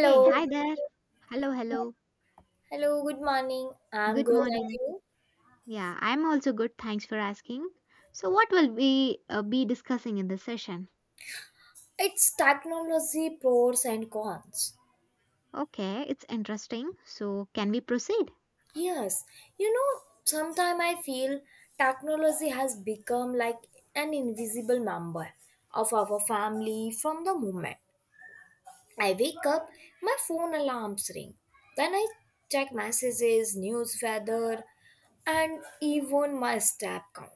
Hey, hi there. Hello, hello. Hello, good morning. I'm Good good, and morning. you? Yeah, I'm also good. Thanks for asking. So, what will we be discussing in this session? It's technology pros and cons. Okay, it's interesting. So, can we proceed? Yes, Sometimes I feel technology has become like an invisible member of our family from the moment I wake up, my phone alarms ring. Then I check messages, news, weather, and even my step count.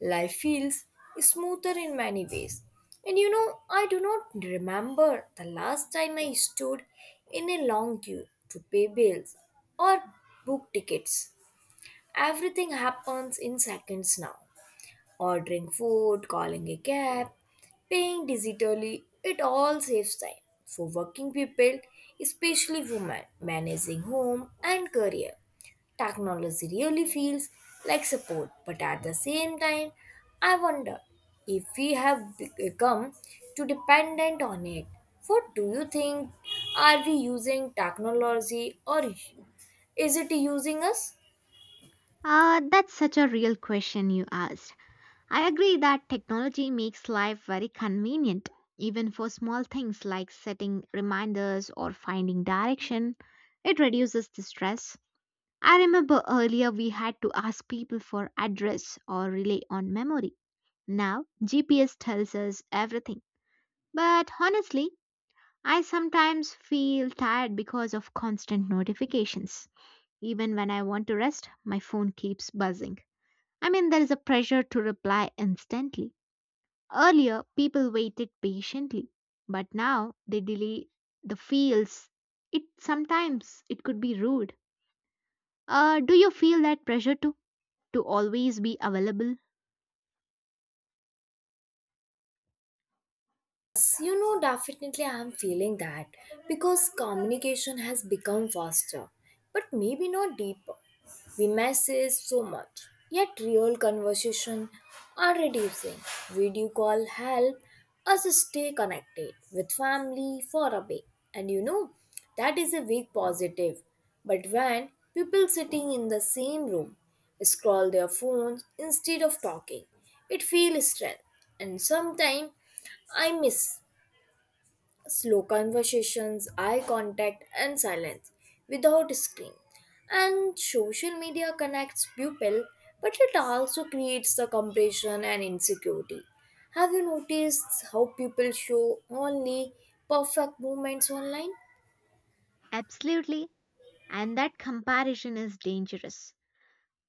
Life feels smoother in many ways. I do not remember the last time I stood in a long queue to pay bills or book tickets. Everything happens in seconds now. Ordering food, calling a cab, paying digitally, it all saves time. For working people, especially women, managing home and career. Technology really feels like support, but at the same time, I wonder if we have become too dependent on it. What do you think? Are we using technology or is it using us? That's such a real question you asked. I agree that technology makes life very convenient, even for small things like setting reminders or finding direction. It reduces the stress. I remember earlier we had to ask people for address or rely on memory. Now, GPS tells us everything. But honestly, I sometimes feel tired because of constant notifications. Even when I want to rest, my phone keeps buzzing. I mean, there is a pressure to reply instantly. Earlier, people waited patiently, but now they delay the feels. It sometimes it could be rude. Do you feel that pressure to always be available? Definitely I am feeling that because communication has become faster, but maybe not deeper. We message so much, yet real conversation are reducing. Video call help us stay connected with family for a bit, and you know, that is a big positive. But when people sitting in the same room scroll their phones instead of talking, it feels strange, and sometimes I miss slow conversations, eye contact, and silence without screen. And social media connects people, but it also creates the comparison and insecurity. Have you noticed how people show only perfect moments online? Absolutely. And that comparison is dangerous.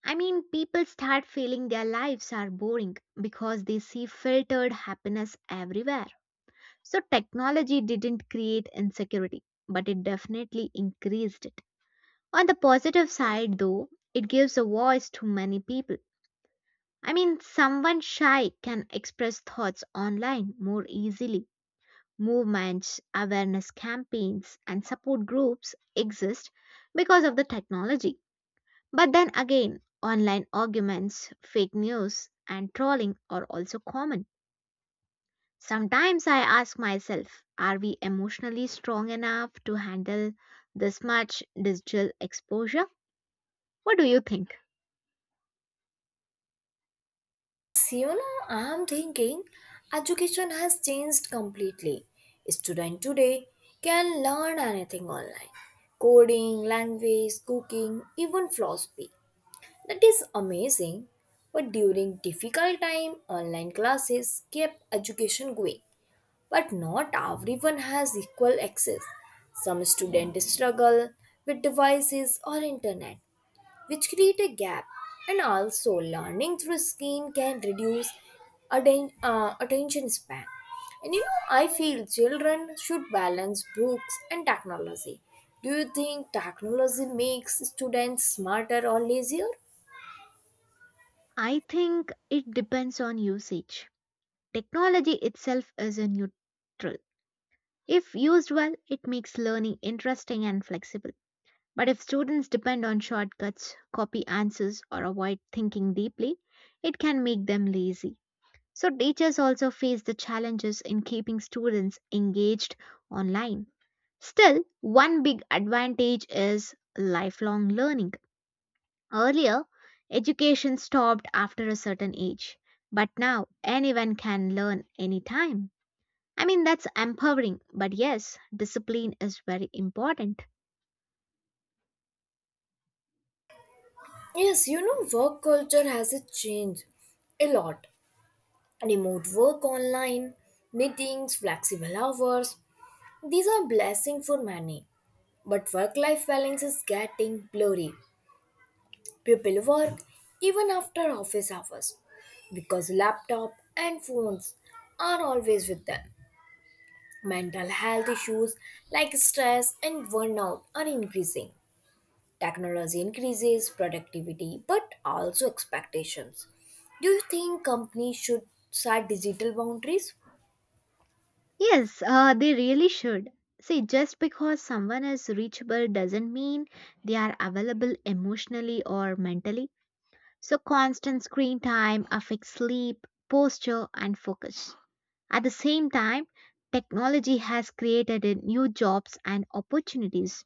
I mean, people start feeling their lives are boring because they see filtered happiness everywhere. So, technology didn't create insecurity, but it definitely increased it. On the positive side, though, it gives a voice to many people. I mean, someone shy can express thoughts online more easily. Movements, awareness campaigns, and support groups exist because of the technology. But then again, online arguments, fake news, and trolling are also common. Sometimes I ask myself, are we emotionally strong enough to handle this much digital exposure? What do you think? Siona, I'm thinking education has changed completely. Students today can learn anything online coding, language, cooking, even philosophy. That is amazing. But during difficult time, online classes kept education going. But not everyone has equal access. Some students struggle with devices or internet, which create a gap. And also, learning through screen can reduce attention span. I feel children should balance books and technology. Do you think technology makes students smarter or lazier? I think it depends on usage. Technology itself is a neutral. If used well, it makes learning interesting and flexible. But if students depend on shortcuts, copy answers, or avoid thinking deeply, it can make them lazy. So, teachers also face the challenges in keeping students engaged online. Still, one big advantage is lifelong learning. Earlier, education stopped after a certain age, but now anyone can learn anytime. I mean, that's empowering, but yes, discipline is very important. Work culture has a changed a lot. Remote work online, meetings, flexible hours. These are blessing for many. But work-life balance is getting blurry. People work even after office hours because laptop and phones are always with them. Mental health issues like stress and burnout are increasing. Technology increases productivity but also expectations. Do you think companies should set digital boundaries? Yes, they really should. See, just because someone is reachable doesn't mean they are available emotionally or mentally. So, constant screen time affects sleep, posture, and focus. At the same time, technology has created a new jobs and opportunities.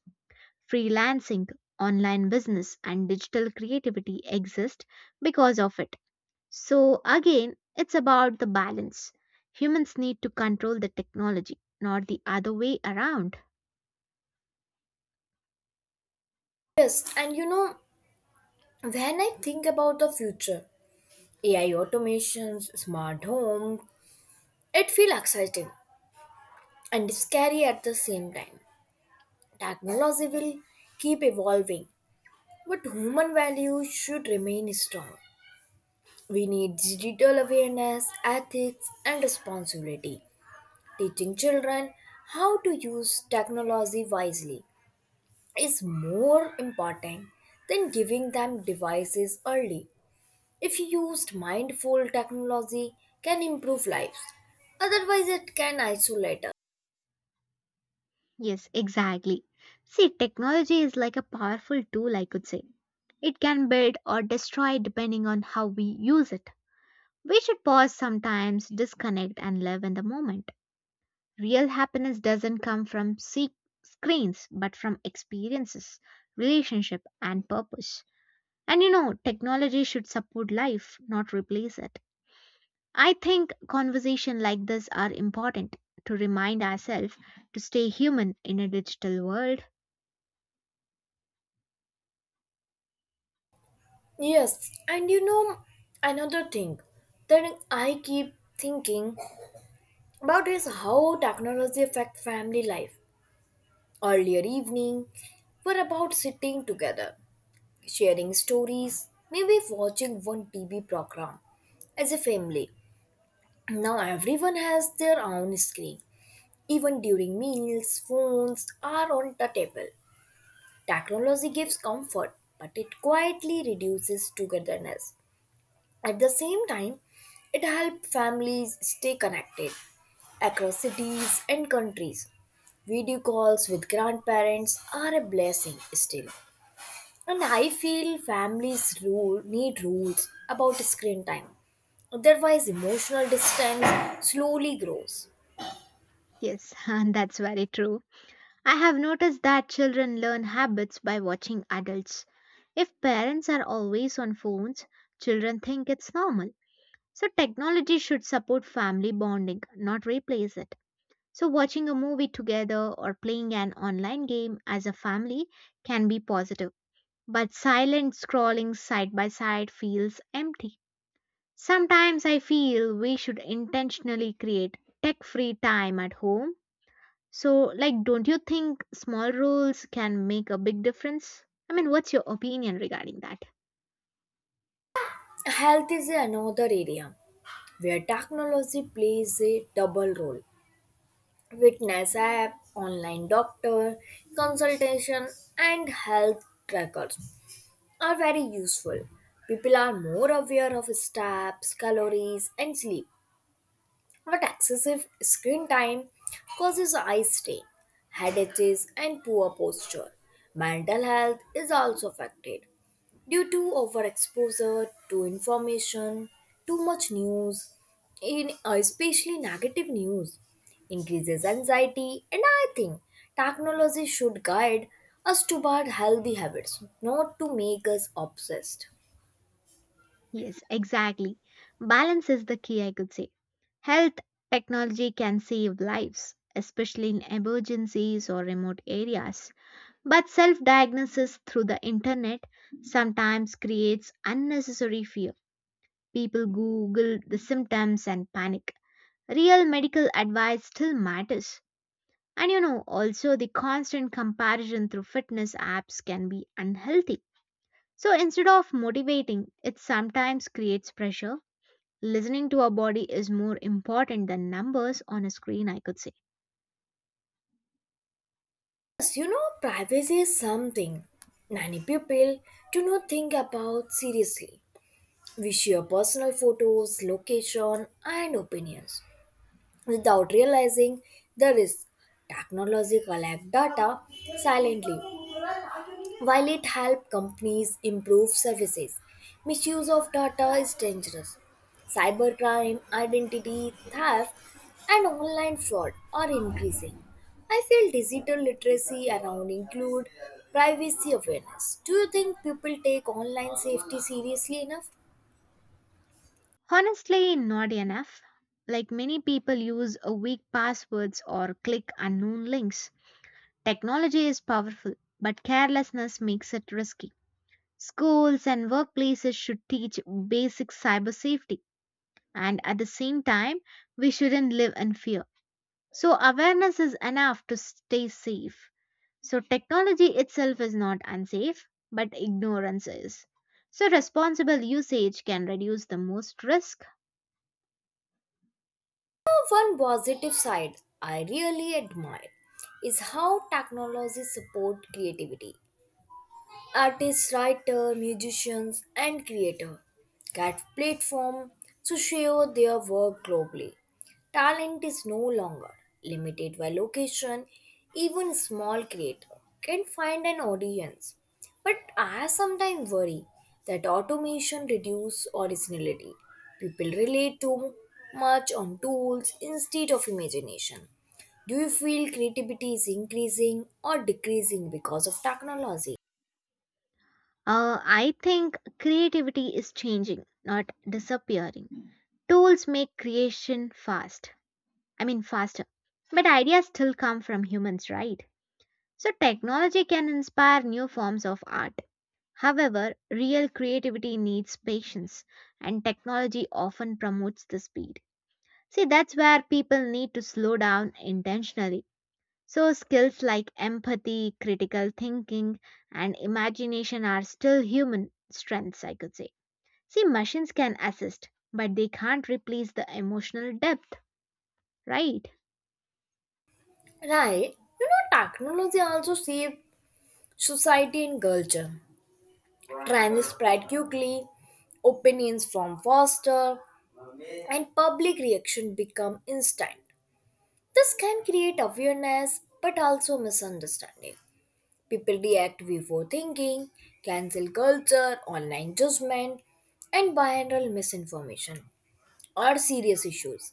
Freelancing, online business, and digital creativity exist because of it. So, again, it's about the balance. Humans need to control the technology, not the other way around. Yes, and you know, when I think about the future, AI automations, smart home, it feels exciting and scary at the same time. Technology will keep evolving, but human values should remain strong. We need digital awareness, ethics, and responsibility. Teaching children how to use technology wisely is more important than giving them devices early. If used mindful, technology can improve lives. Otherwise, it can isolate us. Yes, exactly. See, technology is like a powerful tool, I could say. It can build or destroy depending on how we use it. We should pause sometimes, disconnect, and live in the moment. Real happiness doesn't come from screens, but from experiences, relationship, and purpose. Technology should support life, not replace it. I think conversations like this are important to remind ourselves to stay human in a digital world. Yes, and you know Another thing that I keep thinking about is how technology affects family life. Earlier evening, we're about sitting together sharing stories, maybe watching one TV program as a family. Now everyone has their own screen. Even during meals, phones are on the table. Technology gives comfort, but it quietly reduces togetherness. At the same time, it helps families stay connected across cities and countries. Video calls with grandparents are a blessing still, and I feel families rule need rules about screen time. Otherwise, emotional distance slowly grows. Yes, and that's very true. I have noticed that children learn habits by watching adults. If parents are always on phones, children think it's normal. So, technology should support family bonding, not replace it. So, watching a movie together or playing an online game as a family can be positive. But silent scrolling side by side feels empty. Sometimes I feel we should intentionally create tech free time at home, so, like, don't you think small roles can make a big difference? I mean, what's your opinion regarding that? Health is another area where technology plays a double role. Fitness app, online doctor, consultation, and health trackers are very useful. People are more aware of steps, calories, and sleep. But excessive screen time causes eye strain, headaches, and poor posture. Mental health is also affected due to overexposure to information, too much news, in especially negative news, increases anxiety, and I think technology should guide us toward healthy habits, not to make us obsessed. Yes, exactly. Balance is the key, I could say. Health technology can save lives, especially in emergencies or remote areas. But self diagnosis through the internet sometimes creates unnecessary fear. People Google the symptoms and panic. Real medical advice still matters. Also, the constant comparison through fitness apps can be unhealthy. So instead of motivating, it sometimes creates pressure. Listening to our body is more important than numbers on a screen, I could say. Privacy is something many people do not think about seriously. We share personal photos, location, and opinions without realizing the risk. Technology collects data silently while it helps companies improve services, misuse of data is dangerous. Cybercrime, identity theft, and online fraud are increasing. I feel digital literacy around include privacy awareness. Do you think people take online safety seriously enough? Honestly, not enough. Like many people use a weak passwords or click unknown links. Technology is powerful, but carelessness makes it risky. Schools and workplaces should teach basic cyber safety. And at the same time, we shouldn't live in fear. So awareness is enough to stay safe. So technology itself is not unsafe, but ignorance is. So responsible usage can reduce the most risk. One positive side I really admire is how technology support creativity. Artists, writer, musicians, and creator get platform to share their work globally. Talent is no longer limited by location. Even small creator can find an audience. But I sometimes worry that automation reduces originality. People rely too much on tools instead of imagination. Do you feel creativity is increasing or decreasing because of technology? I think creativity is changing, not disappearing. Tools make creation fast. I mean, faster. But ideas still come from humans, right? So technology can inspire new forms of art. However, real creativity needs patience, and technology often promotes the speed. See, that's where people need to slow down intentionally. So, skills like empathy, critical thinking, and imagination are still human strengths, I could say. See, machines can assist, but they can't replace the emotional depth, right? Right. Technology also saved society and culture. Trends spread quickly, opinions from faster, and public reaction become instant. This can create awareness but also misunderstanding. People react before thinking, cancel culture, online judgment, and viral misinformation are serious issues.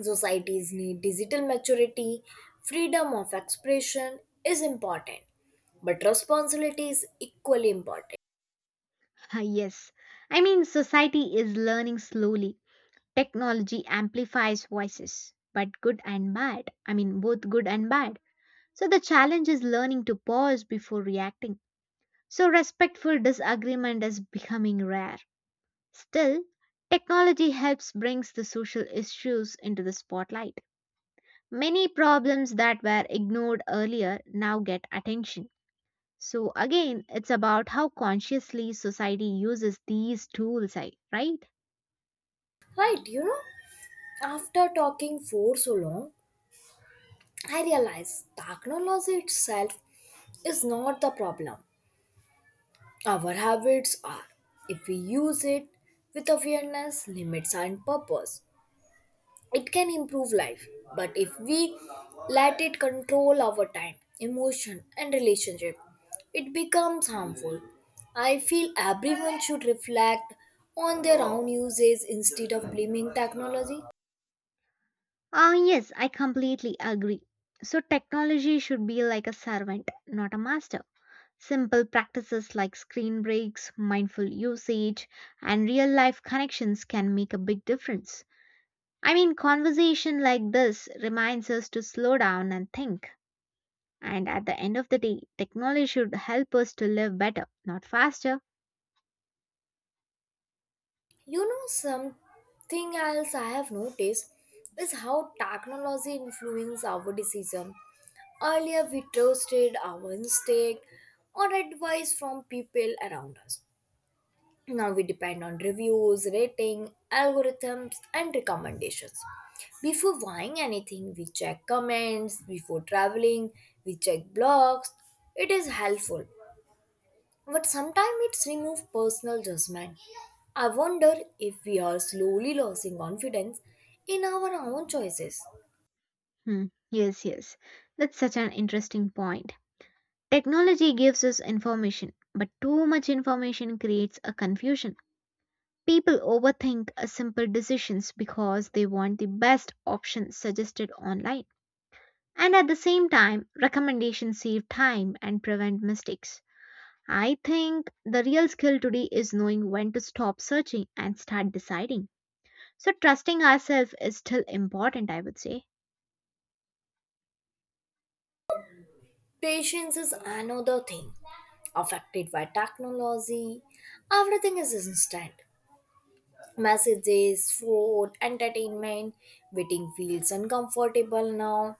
Societies need digital maturity, freedom of expression is important, but responsibility is equally important. Yes. I mean, society is learning slowly. Technology amplifies voices, but good and bad. I mean, both good and bad. So the challenge is learning to pause before reacting. So respectful disagreement is becoming rare. Still, technology helps brings the social issues into the spotlight. Many problems that were ignored earlier now get attention. So again, it's about how consciously society uses these tools, right? Right, you know, After talking for so long, I realize technology itself is not the problem. Our habits are. If we use it with awareness, limits, and purpose, it can improve life, but if we let it control our time emotion and relationship, it becomes harmful. I feel everyone should reflect on their own uses instead of blaming technology. Ah, yes, I completely agree. So, technology should be like a servant, not a master. Simple practices like screen breaks, mindful usage, and real life connections can make a big difference. I mean, conversation like this reminds us to slow down and think. And at the end of the day, technology should help us to live better, not faster. Something else I have noticed is how technology influences our decision. Earlier we trusted our instinct or advice from people around us. Now we depend on reviews, rating, algorithms, and recommendations. Before buying anything, we check comments. Before traveling, we check blogs. It is helpful, but sometimes it's remove personal judgment. I wonder if we are slowly losing confidence in our own choices. Hmm, yes, yes. That's such an interesting point. Technology gives us information, but too much information creates a confusion. People overthink simple decisions because they want the best option suggested online. And at the same time, recommendations save time and prevent mistakes. I think the real skill today is knowing when to stop searching and start deciding. So, trusting ourselves is still important, I would say. Patience is another thing affected by technology. Everything is instant. Messages, food, entertainment, waiting feels uncomfortable now.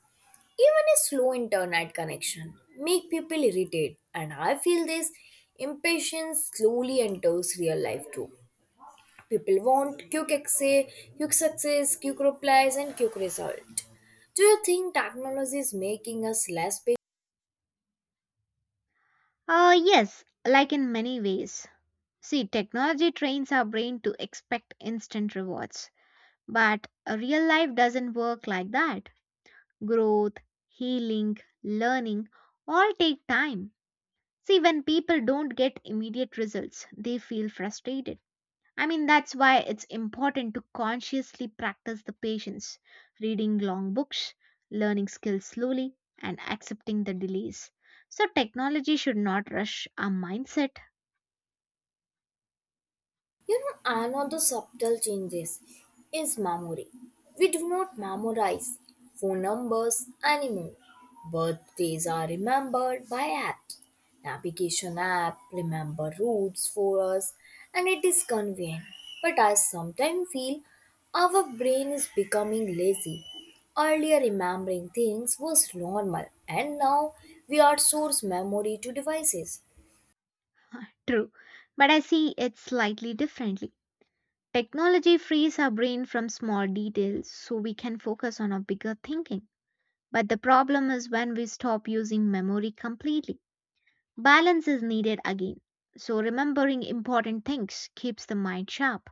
Even a slow internet connection make people irritated, and I feel this impatience slowly enters real life too. People want quick access, quick success, quick replies, and quick result. Do you think technology is making us less Yes, like in many ways. See, technology trains our brain to expect instant rewards, but a real life doesn't work like that. Growth, healing, learning all take time. See, when people don't get immediate results, they feel frustrated. I mean, that's why it's important to consciously practice the patience, reading long books, learning skills slowly, and accepting the delays. So, technology should not rush our mindset. Another subtle changes is memory. We do not memorize phone numbers anymore. Birthdays are remembered by apps. Navigation app remember routes for us and it is convenient. But I sometimes feel our brain is becoming lazy. Earlier remembering things was normal and now we outsource memory to devices. True, but I see it slightly differently. Technology frees our brain from small details so we can focus on our bigger thinking. But the problem is when we stop using memory completely. Balance is needed again. So, remembering important things keeps the mind sharp.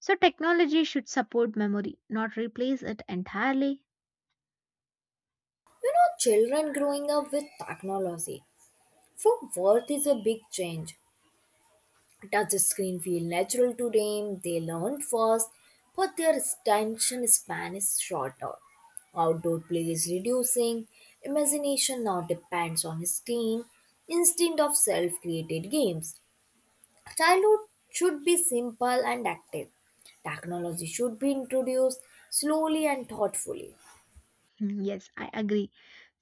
So, technology should support memory, not replace it entirely. Children growing up with technology For Worth is a big change. Touch screen feel natural to them, they learn fast, but their attention span is shorter. Outdoor play is reducing, imagination now depends on screen instead of self-created games. Childhood should be simple and active. Technology should be introduced slowly and thoughtfully. Hmm, yes, I agree.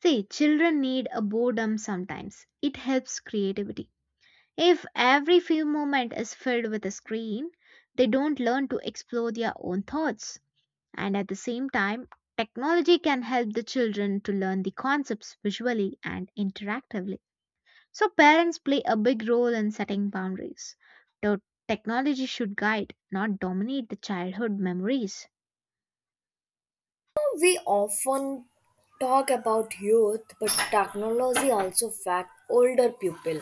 See, children need a boredom sometimes. It helps creativity. If every few moments is filled with a screen, they don't learn to explore their own thoughts. And at the same time, technology can help the children to learn the concepts visually and interactively. So, parents play a big role in setting boundaries. Though technology should guide, not dominate the childhood memories. We often talk about youth, but technology also affects older people.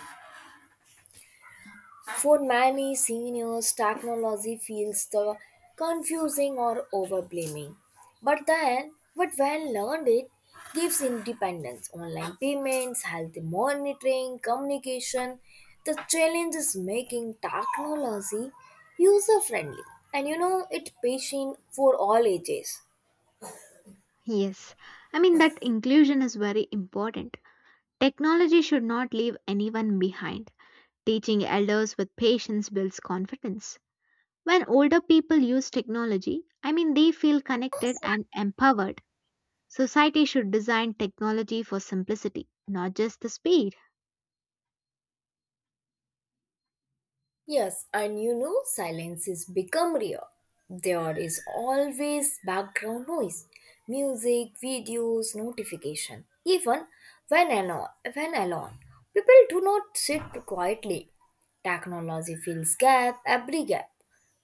For many seniors, technology feels the confusing or overblaming. But then, but when learned, it gives independence, online payments, healthy monitoring, communication. The challenge is making technology user friendly and it patient for all ages. Yes, I mean that inclusion is very important. Technology should not leave anyone behind. Teaching elders with patience builds confidence. When older people use technology, I mean they feel connected and empowered. Society should design technology for simplicity, not just the speed. Silence is become rare. There is always background noise, music, videos, notification. Even when alone, when alone, people do not sit quietly. Technology fills gap every gap,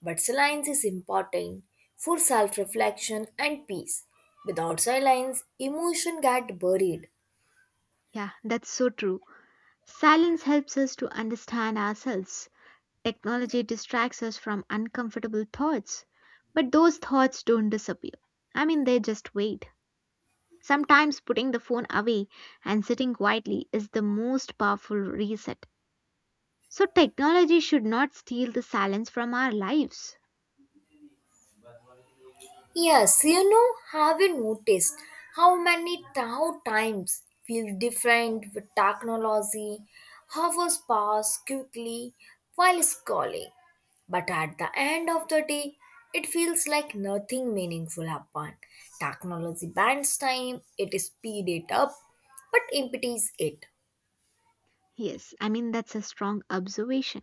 but silence is important for self-reflection and peace. Without silence, emotion get buried. Yeah, that's so true. Silence helps us to understand ourselves. Technology distracts us from uncomfortable thoughts. But those thoughts don't disappear. I mean, they just wait. Sometimes putting the phone away and sitting quietly is the most powerful reset. So, technology should not steal the silence from our lives. Yes, you know, have you noticed how times feel different with technology? Hours pass quickly while scrolling, but at the end of the day, it feels like nothing meaningful happened. Technology bans time, it speed it up, but impedes it. Yes, I mean, that's a strong observation.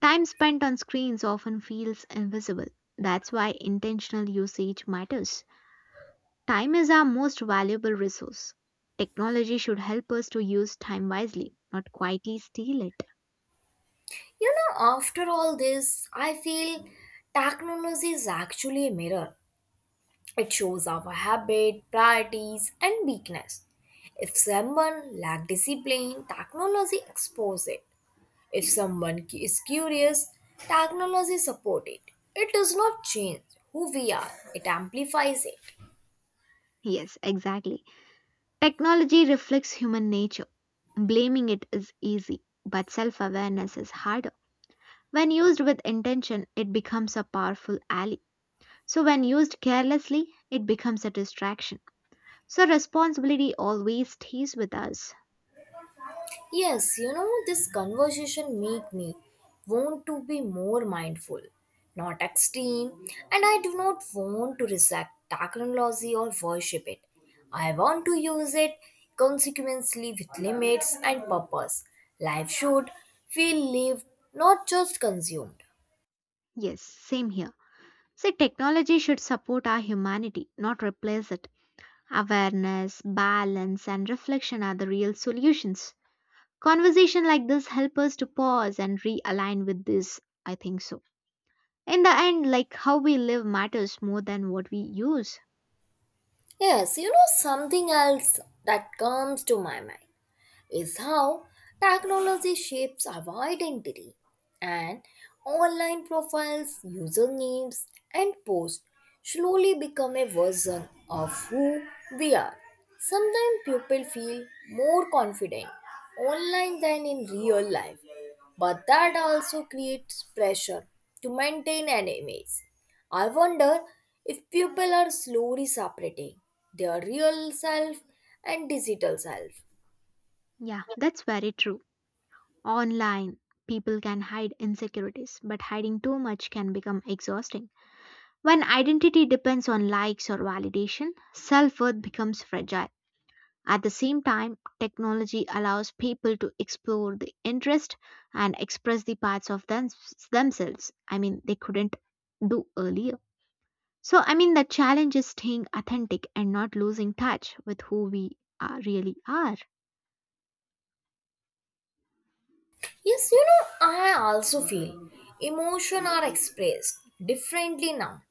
Time spent on screens often feels invisible. That's why intentional usage matters. Time is our most valuable resource. Technology should help us to use time wisely, not quietly steal it. After all this, I feel technology is actually a mirror. It shows our habit, priorities, and weakness. If someone lacks discipline, technology exposes it. If someone cu- is curious, technology supports it. It does not change who we are, it amplifies it. Yes, exactly. Technology reflects human nature. Blaming it is easy, but self awareness is harder. When used with intention, it becomes a powerful ally. So, when used carelessly, it becomes a distraction. So, responsibility always stays with us. This conversation make me want to be more mindful, not extreme, and I do not want to reject technology or worship it. I want to use it consequently with limits and purpose. Life should feel lived, not just consumed. Yes, same here. See, technology should support our humanity, not replace it. Awareness, balance, and reflection are the real solutions. Conversation like this help us to pause and realign with this. I think so. In the end, like how we live matters more than what we use. Something else that comes to my mind is how technology shapes our identity and online profiles, usernames, and posts slowly become a version of who we are. Sometimes people feel more confident online than in real life, but that also creates pressure to maintain an image. I wonder if people are slowly separating their real self and digital self. Yeah, that's very true. Online, people can hide insecurities, but hiding too much can become exhausting. When identity depends on likes or validation, self worth becomes fragile. At the same time, technology allows people to explore the interest and express the parts of them, themselves. I mean, they couldn't do earlier. So, I mean, the challenge is staying authentic and not losing touch with who we are, really are. I also feel emotion are expressed differently now.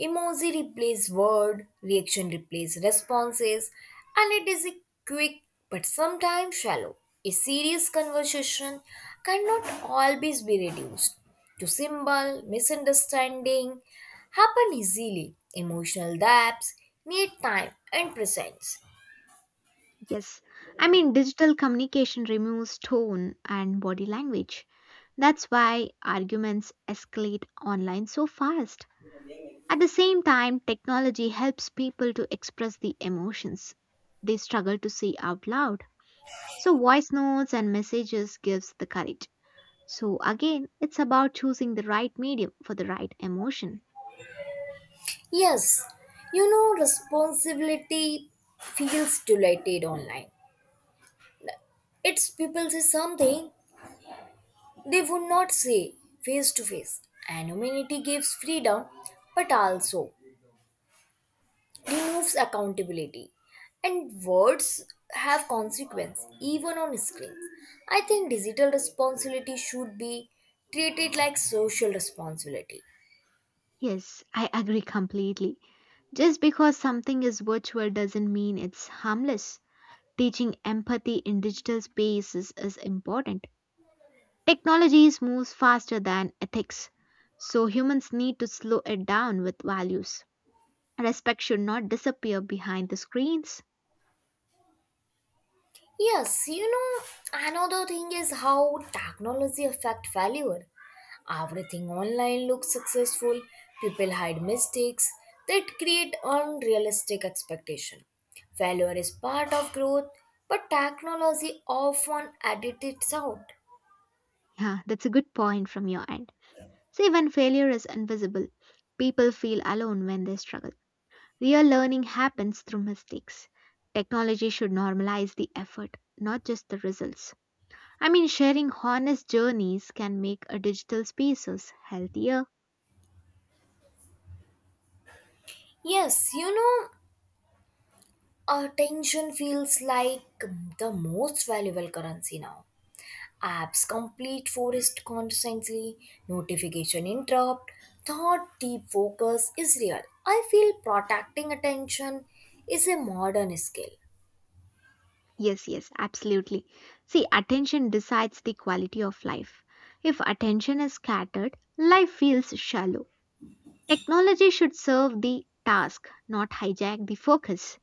Emoji replace word, reaction replace responses, and it is a quick but sometimes shallow. A serious conversation cannot always be reduced to symbol, misunderstanding happen easily. Emotional gaps need time and presence. Yes. I mean, digital communication removes tone and body language. That's why arguments escalate online so fast. At the same time, technology helps people to express the emotions they struggle to say out loud. So voice notes and messages gives the courage. So again, it's about choosing the right medium for the right emotion. Yes, Responsibility feels dilated online. Its people say something they would not say face to face. Anonymity gives freedom but also removes accountability. And words have consequence even on screens. I think digital responsibility should be treated like social responsibility. Yes, I agree completely. Just because something is virtual doesn't mean it's harmless. Teaching empathy in digital spaces is important. Technologies moves faster than ethics, so humans need to slow it down with values. Respect should not disappear behind the screens. Yes, you know, Another thing is how technology affect failure. Everything online looks successful, people hide mistakes that create unrealistic expectation. Failure is part of growth, but technology often edits out. Yeah, that's a good point from your end. See, when failure is invisible, people feel alone when they struggle. Real learning happens through mistakes. Technology should normalize the effort, not just the results. I mean, sharing honest journeys can make a digital spaces healthier. Yes, you know, Attention feels like the most valuable currency now. Apps complete forest constantly, notification interrupt, thought deep focus is real. I feel protecting attention is a modern skill. Yes, yes, absolutely. See, attention decides the quality of life. If attention is scattered, life feels shallow. Technology should serve the task, not hijack the focus.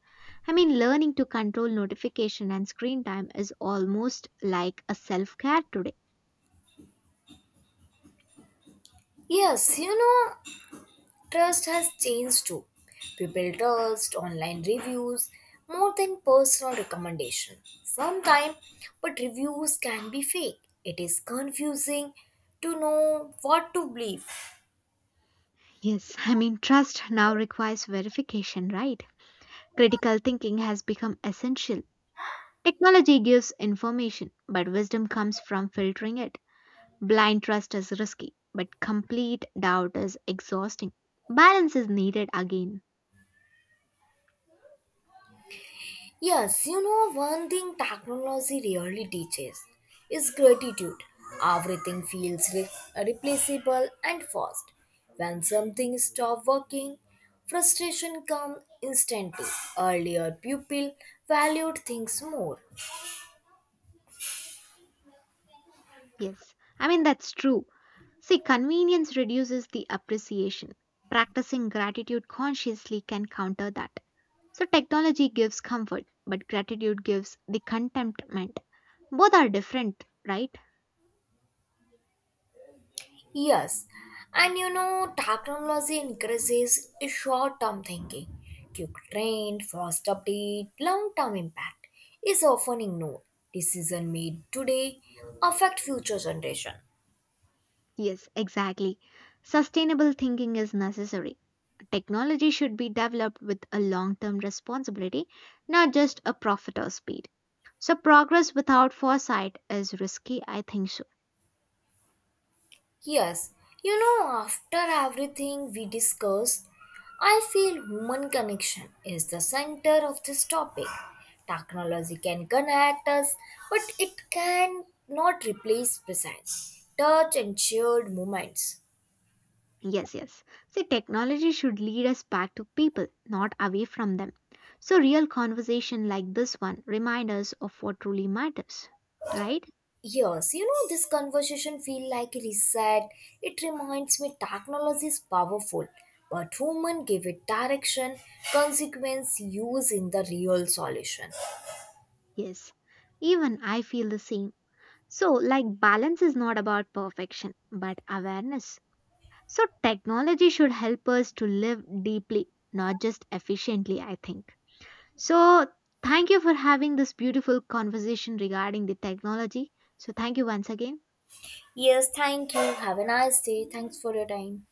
I mean, learning to control notification and screen time is almost like a self care today. Yes, you know, Trust has changed too. People trust online reviews more than personal recommendation. Sometimes, but reviews can be fake. It is confusing to know what to believe. Yes, I mean, trust now requires verification, right? Critical thinking has become essential. Technology gives information, but wisdom comes from filtering it. Blind trust is risky, but complete doubt is exhausting. Balance is needed again. One thing technology really teaches is gratitude. Everything feels replaceable and fast. When something stops working, frustration comes instantly. Earlier, people valued things more. Yes, I mean, that's true. See, convenience reduces the appreciation. Practicing gratitude consciously can counter that. So, technology gives comfort, but gratitude gives the contentment. Both are different, right? Yes, Technology increases short term thinking. Quick trend, fast update, long term impact is often ignored. Decision made today affect future generation. Yes, exactly. Sustainable thinking is necessary. Technology should be developed with a long term responsibility, not just a profit or speed. So, progress without foresight is risky, I think so. Yes, After everything we discussed, I feel human connection is the center of this topic. Technology can connect us, but it can not replace presence, touch, and shared moments. Yes, yes. See, technology should lead us back to people, not away from them. So, real conversation like this one remind us of what truly matters, right? This conversation feel like a reset. It reminds me technology is powerful, but human give it direction, consequence, use in the real solution. Yes. Even I feel the same. So, like, balance is not about perfection, but awareness. So, technology should help us to live deeply, not just efficiently, I think. So, thank you for having this beautiful conversation regarding the technology. So, thank you once again. Yes, thank you. Have a nice day. Thanks for your time.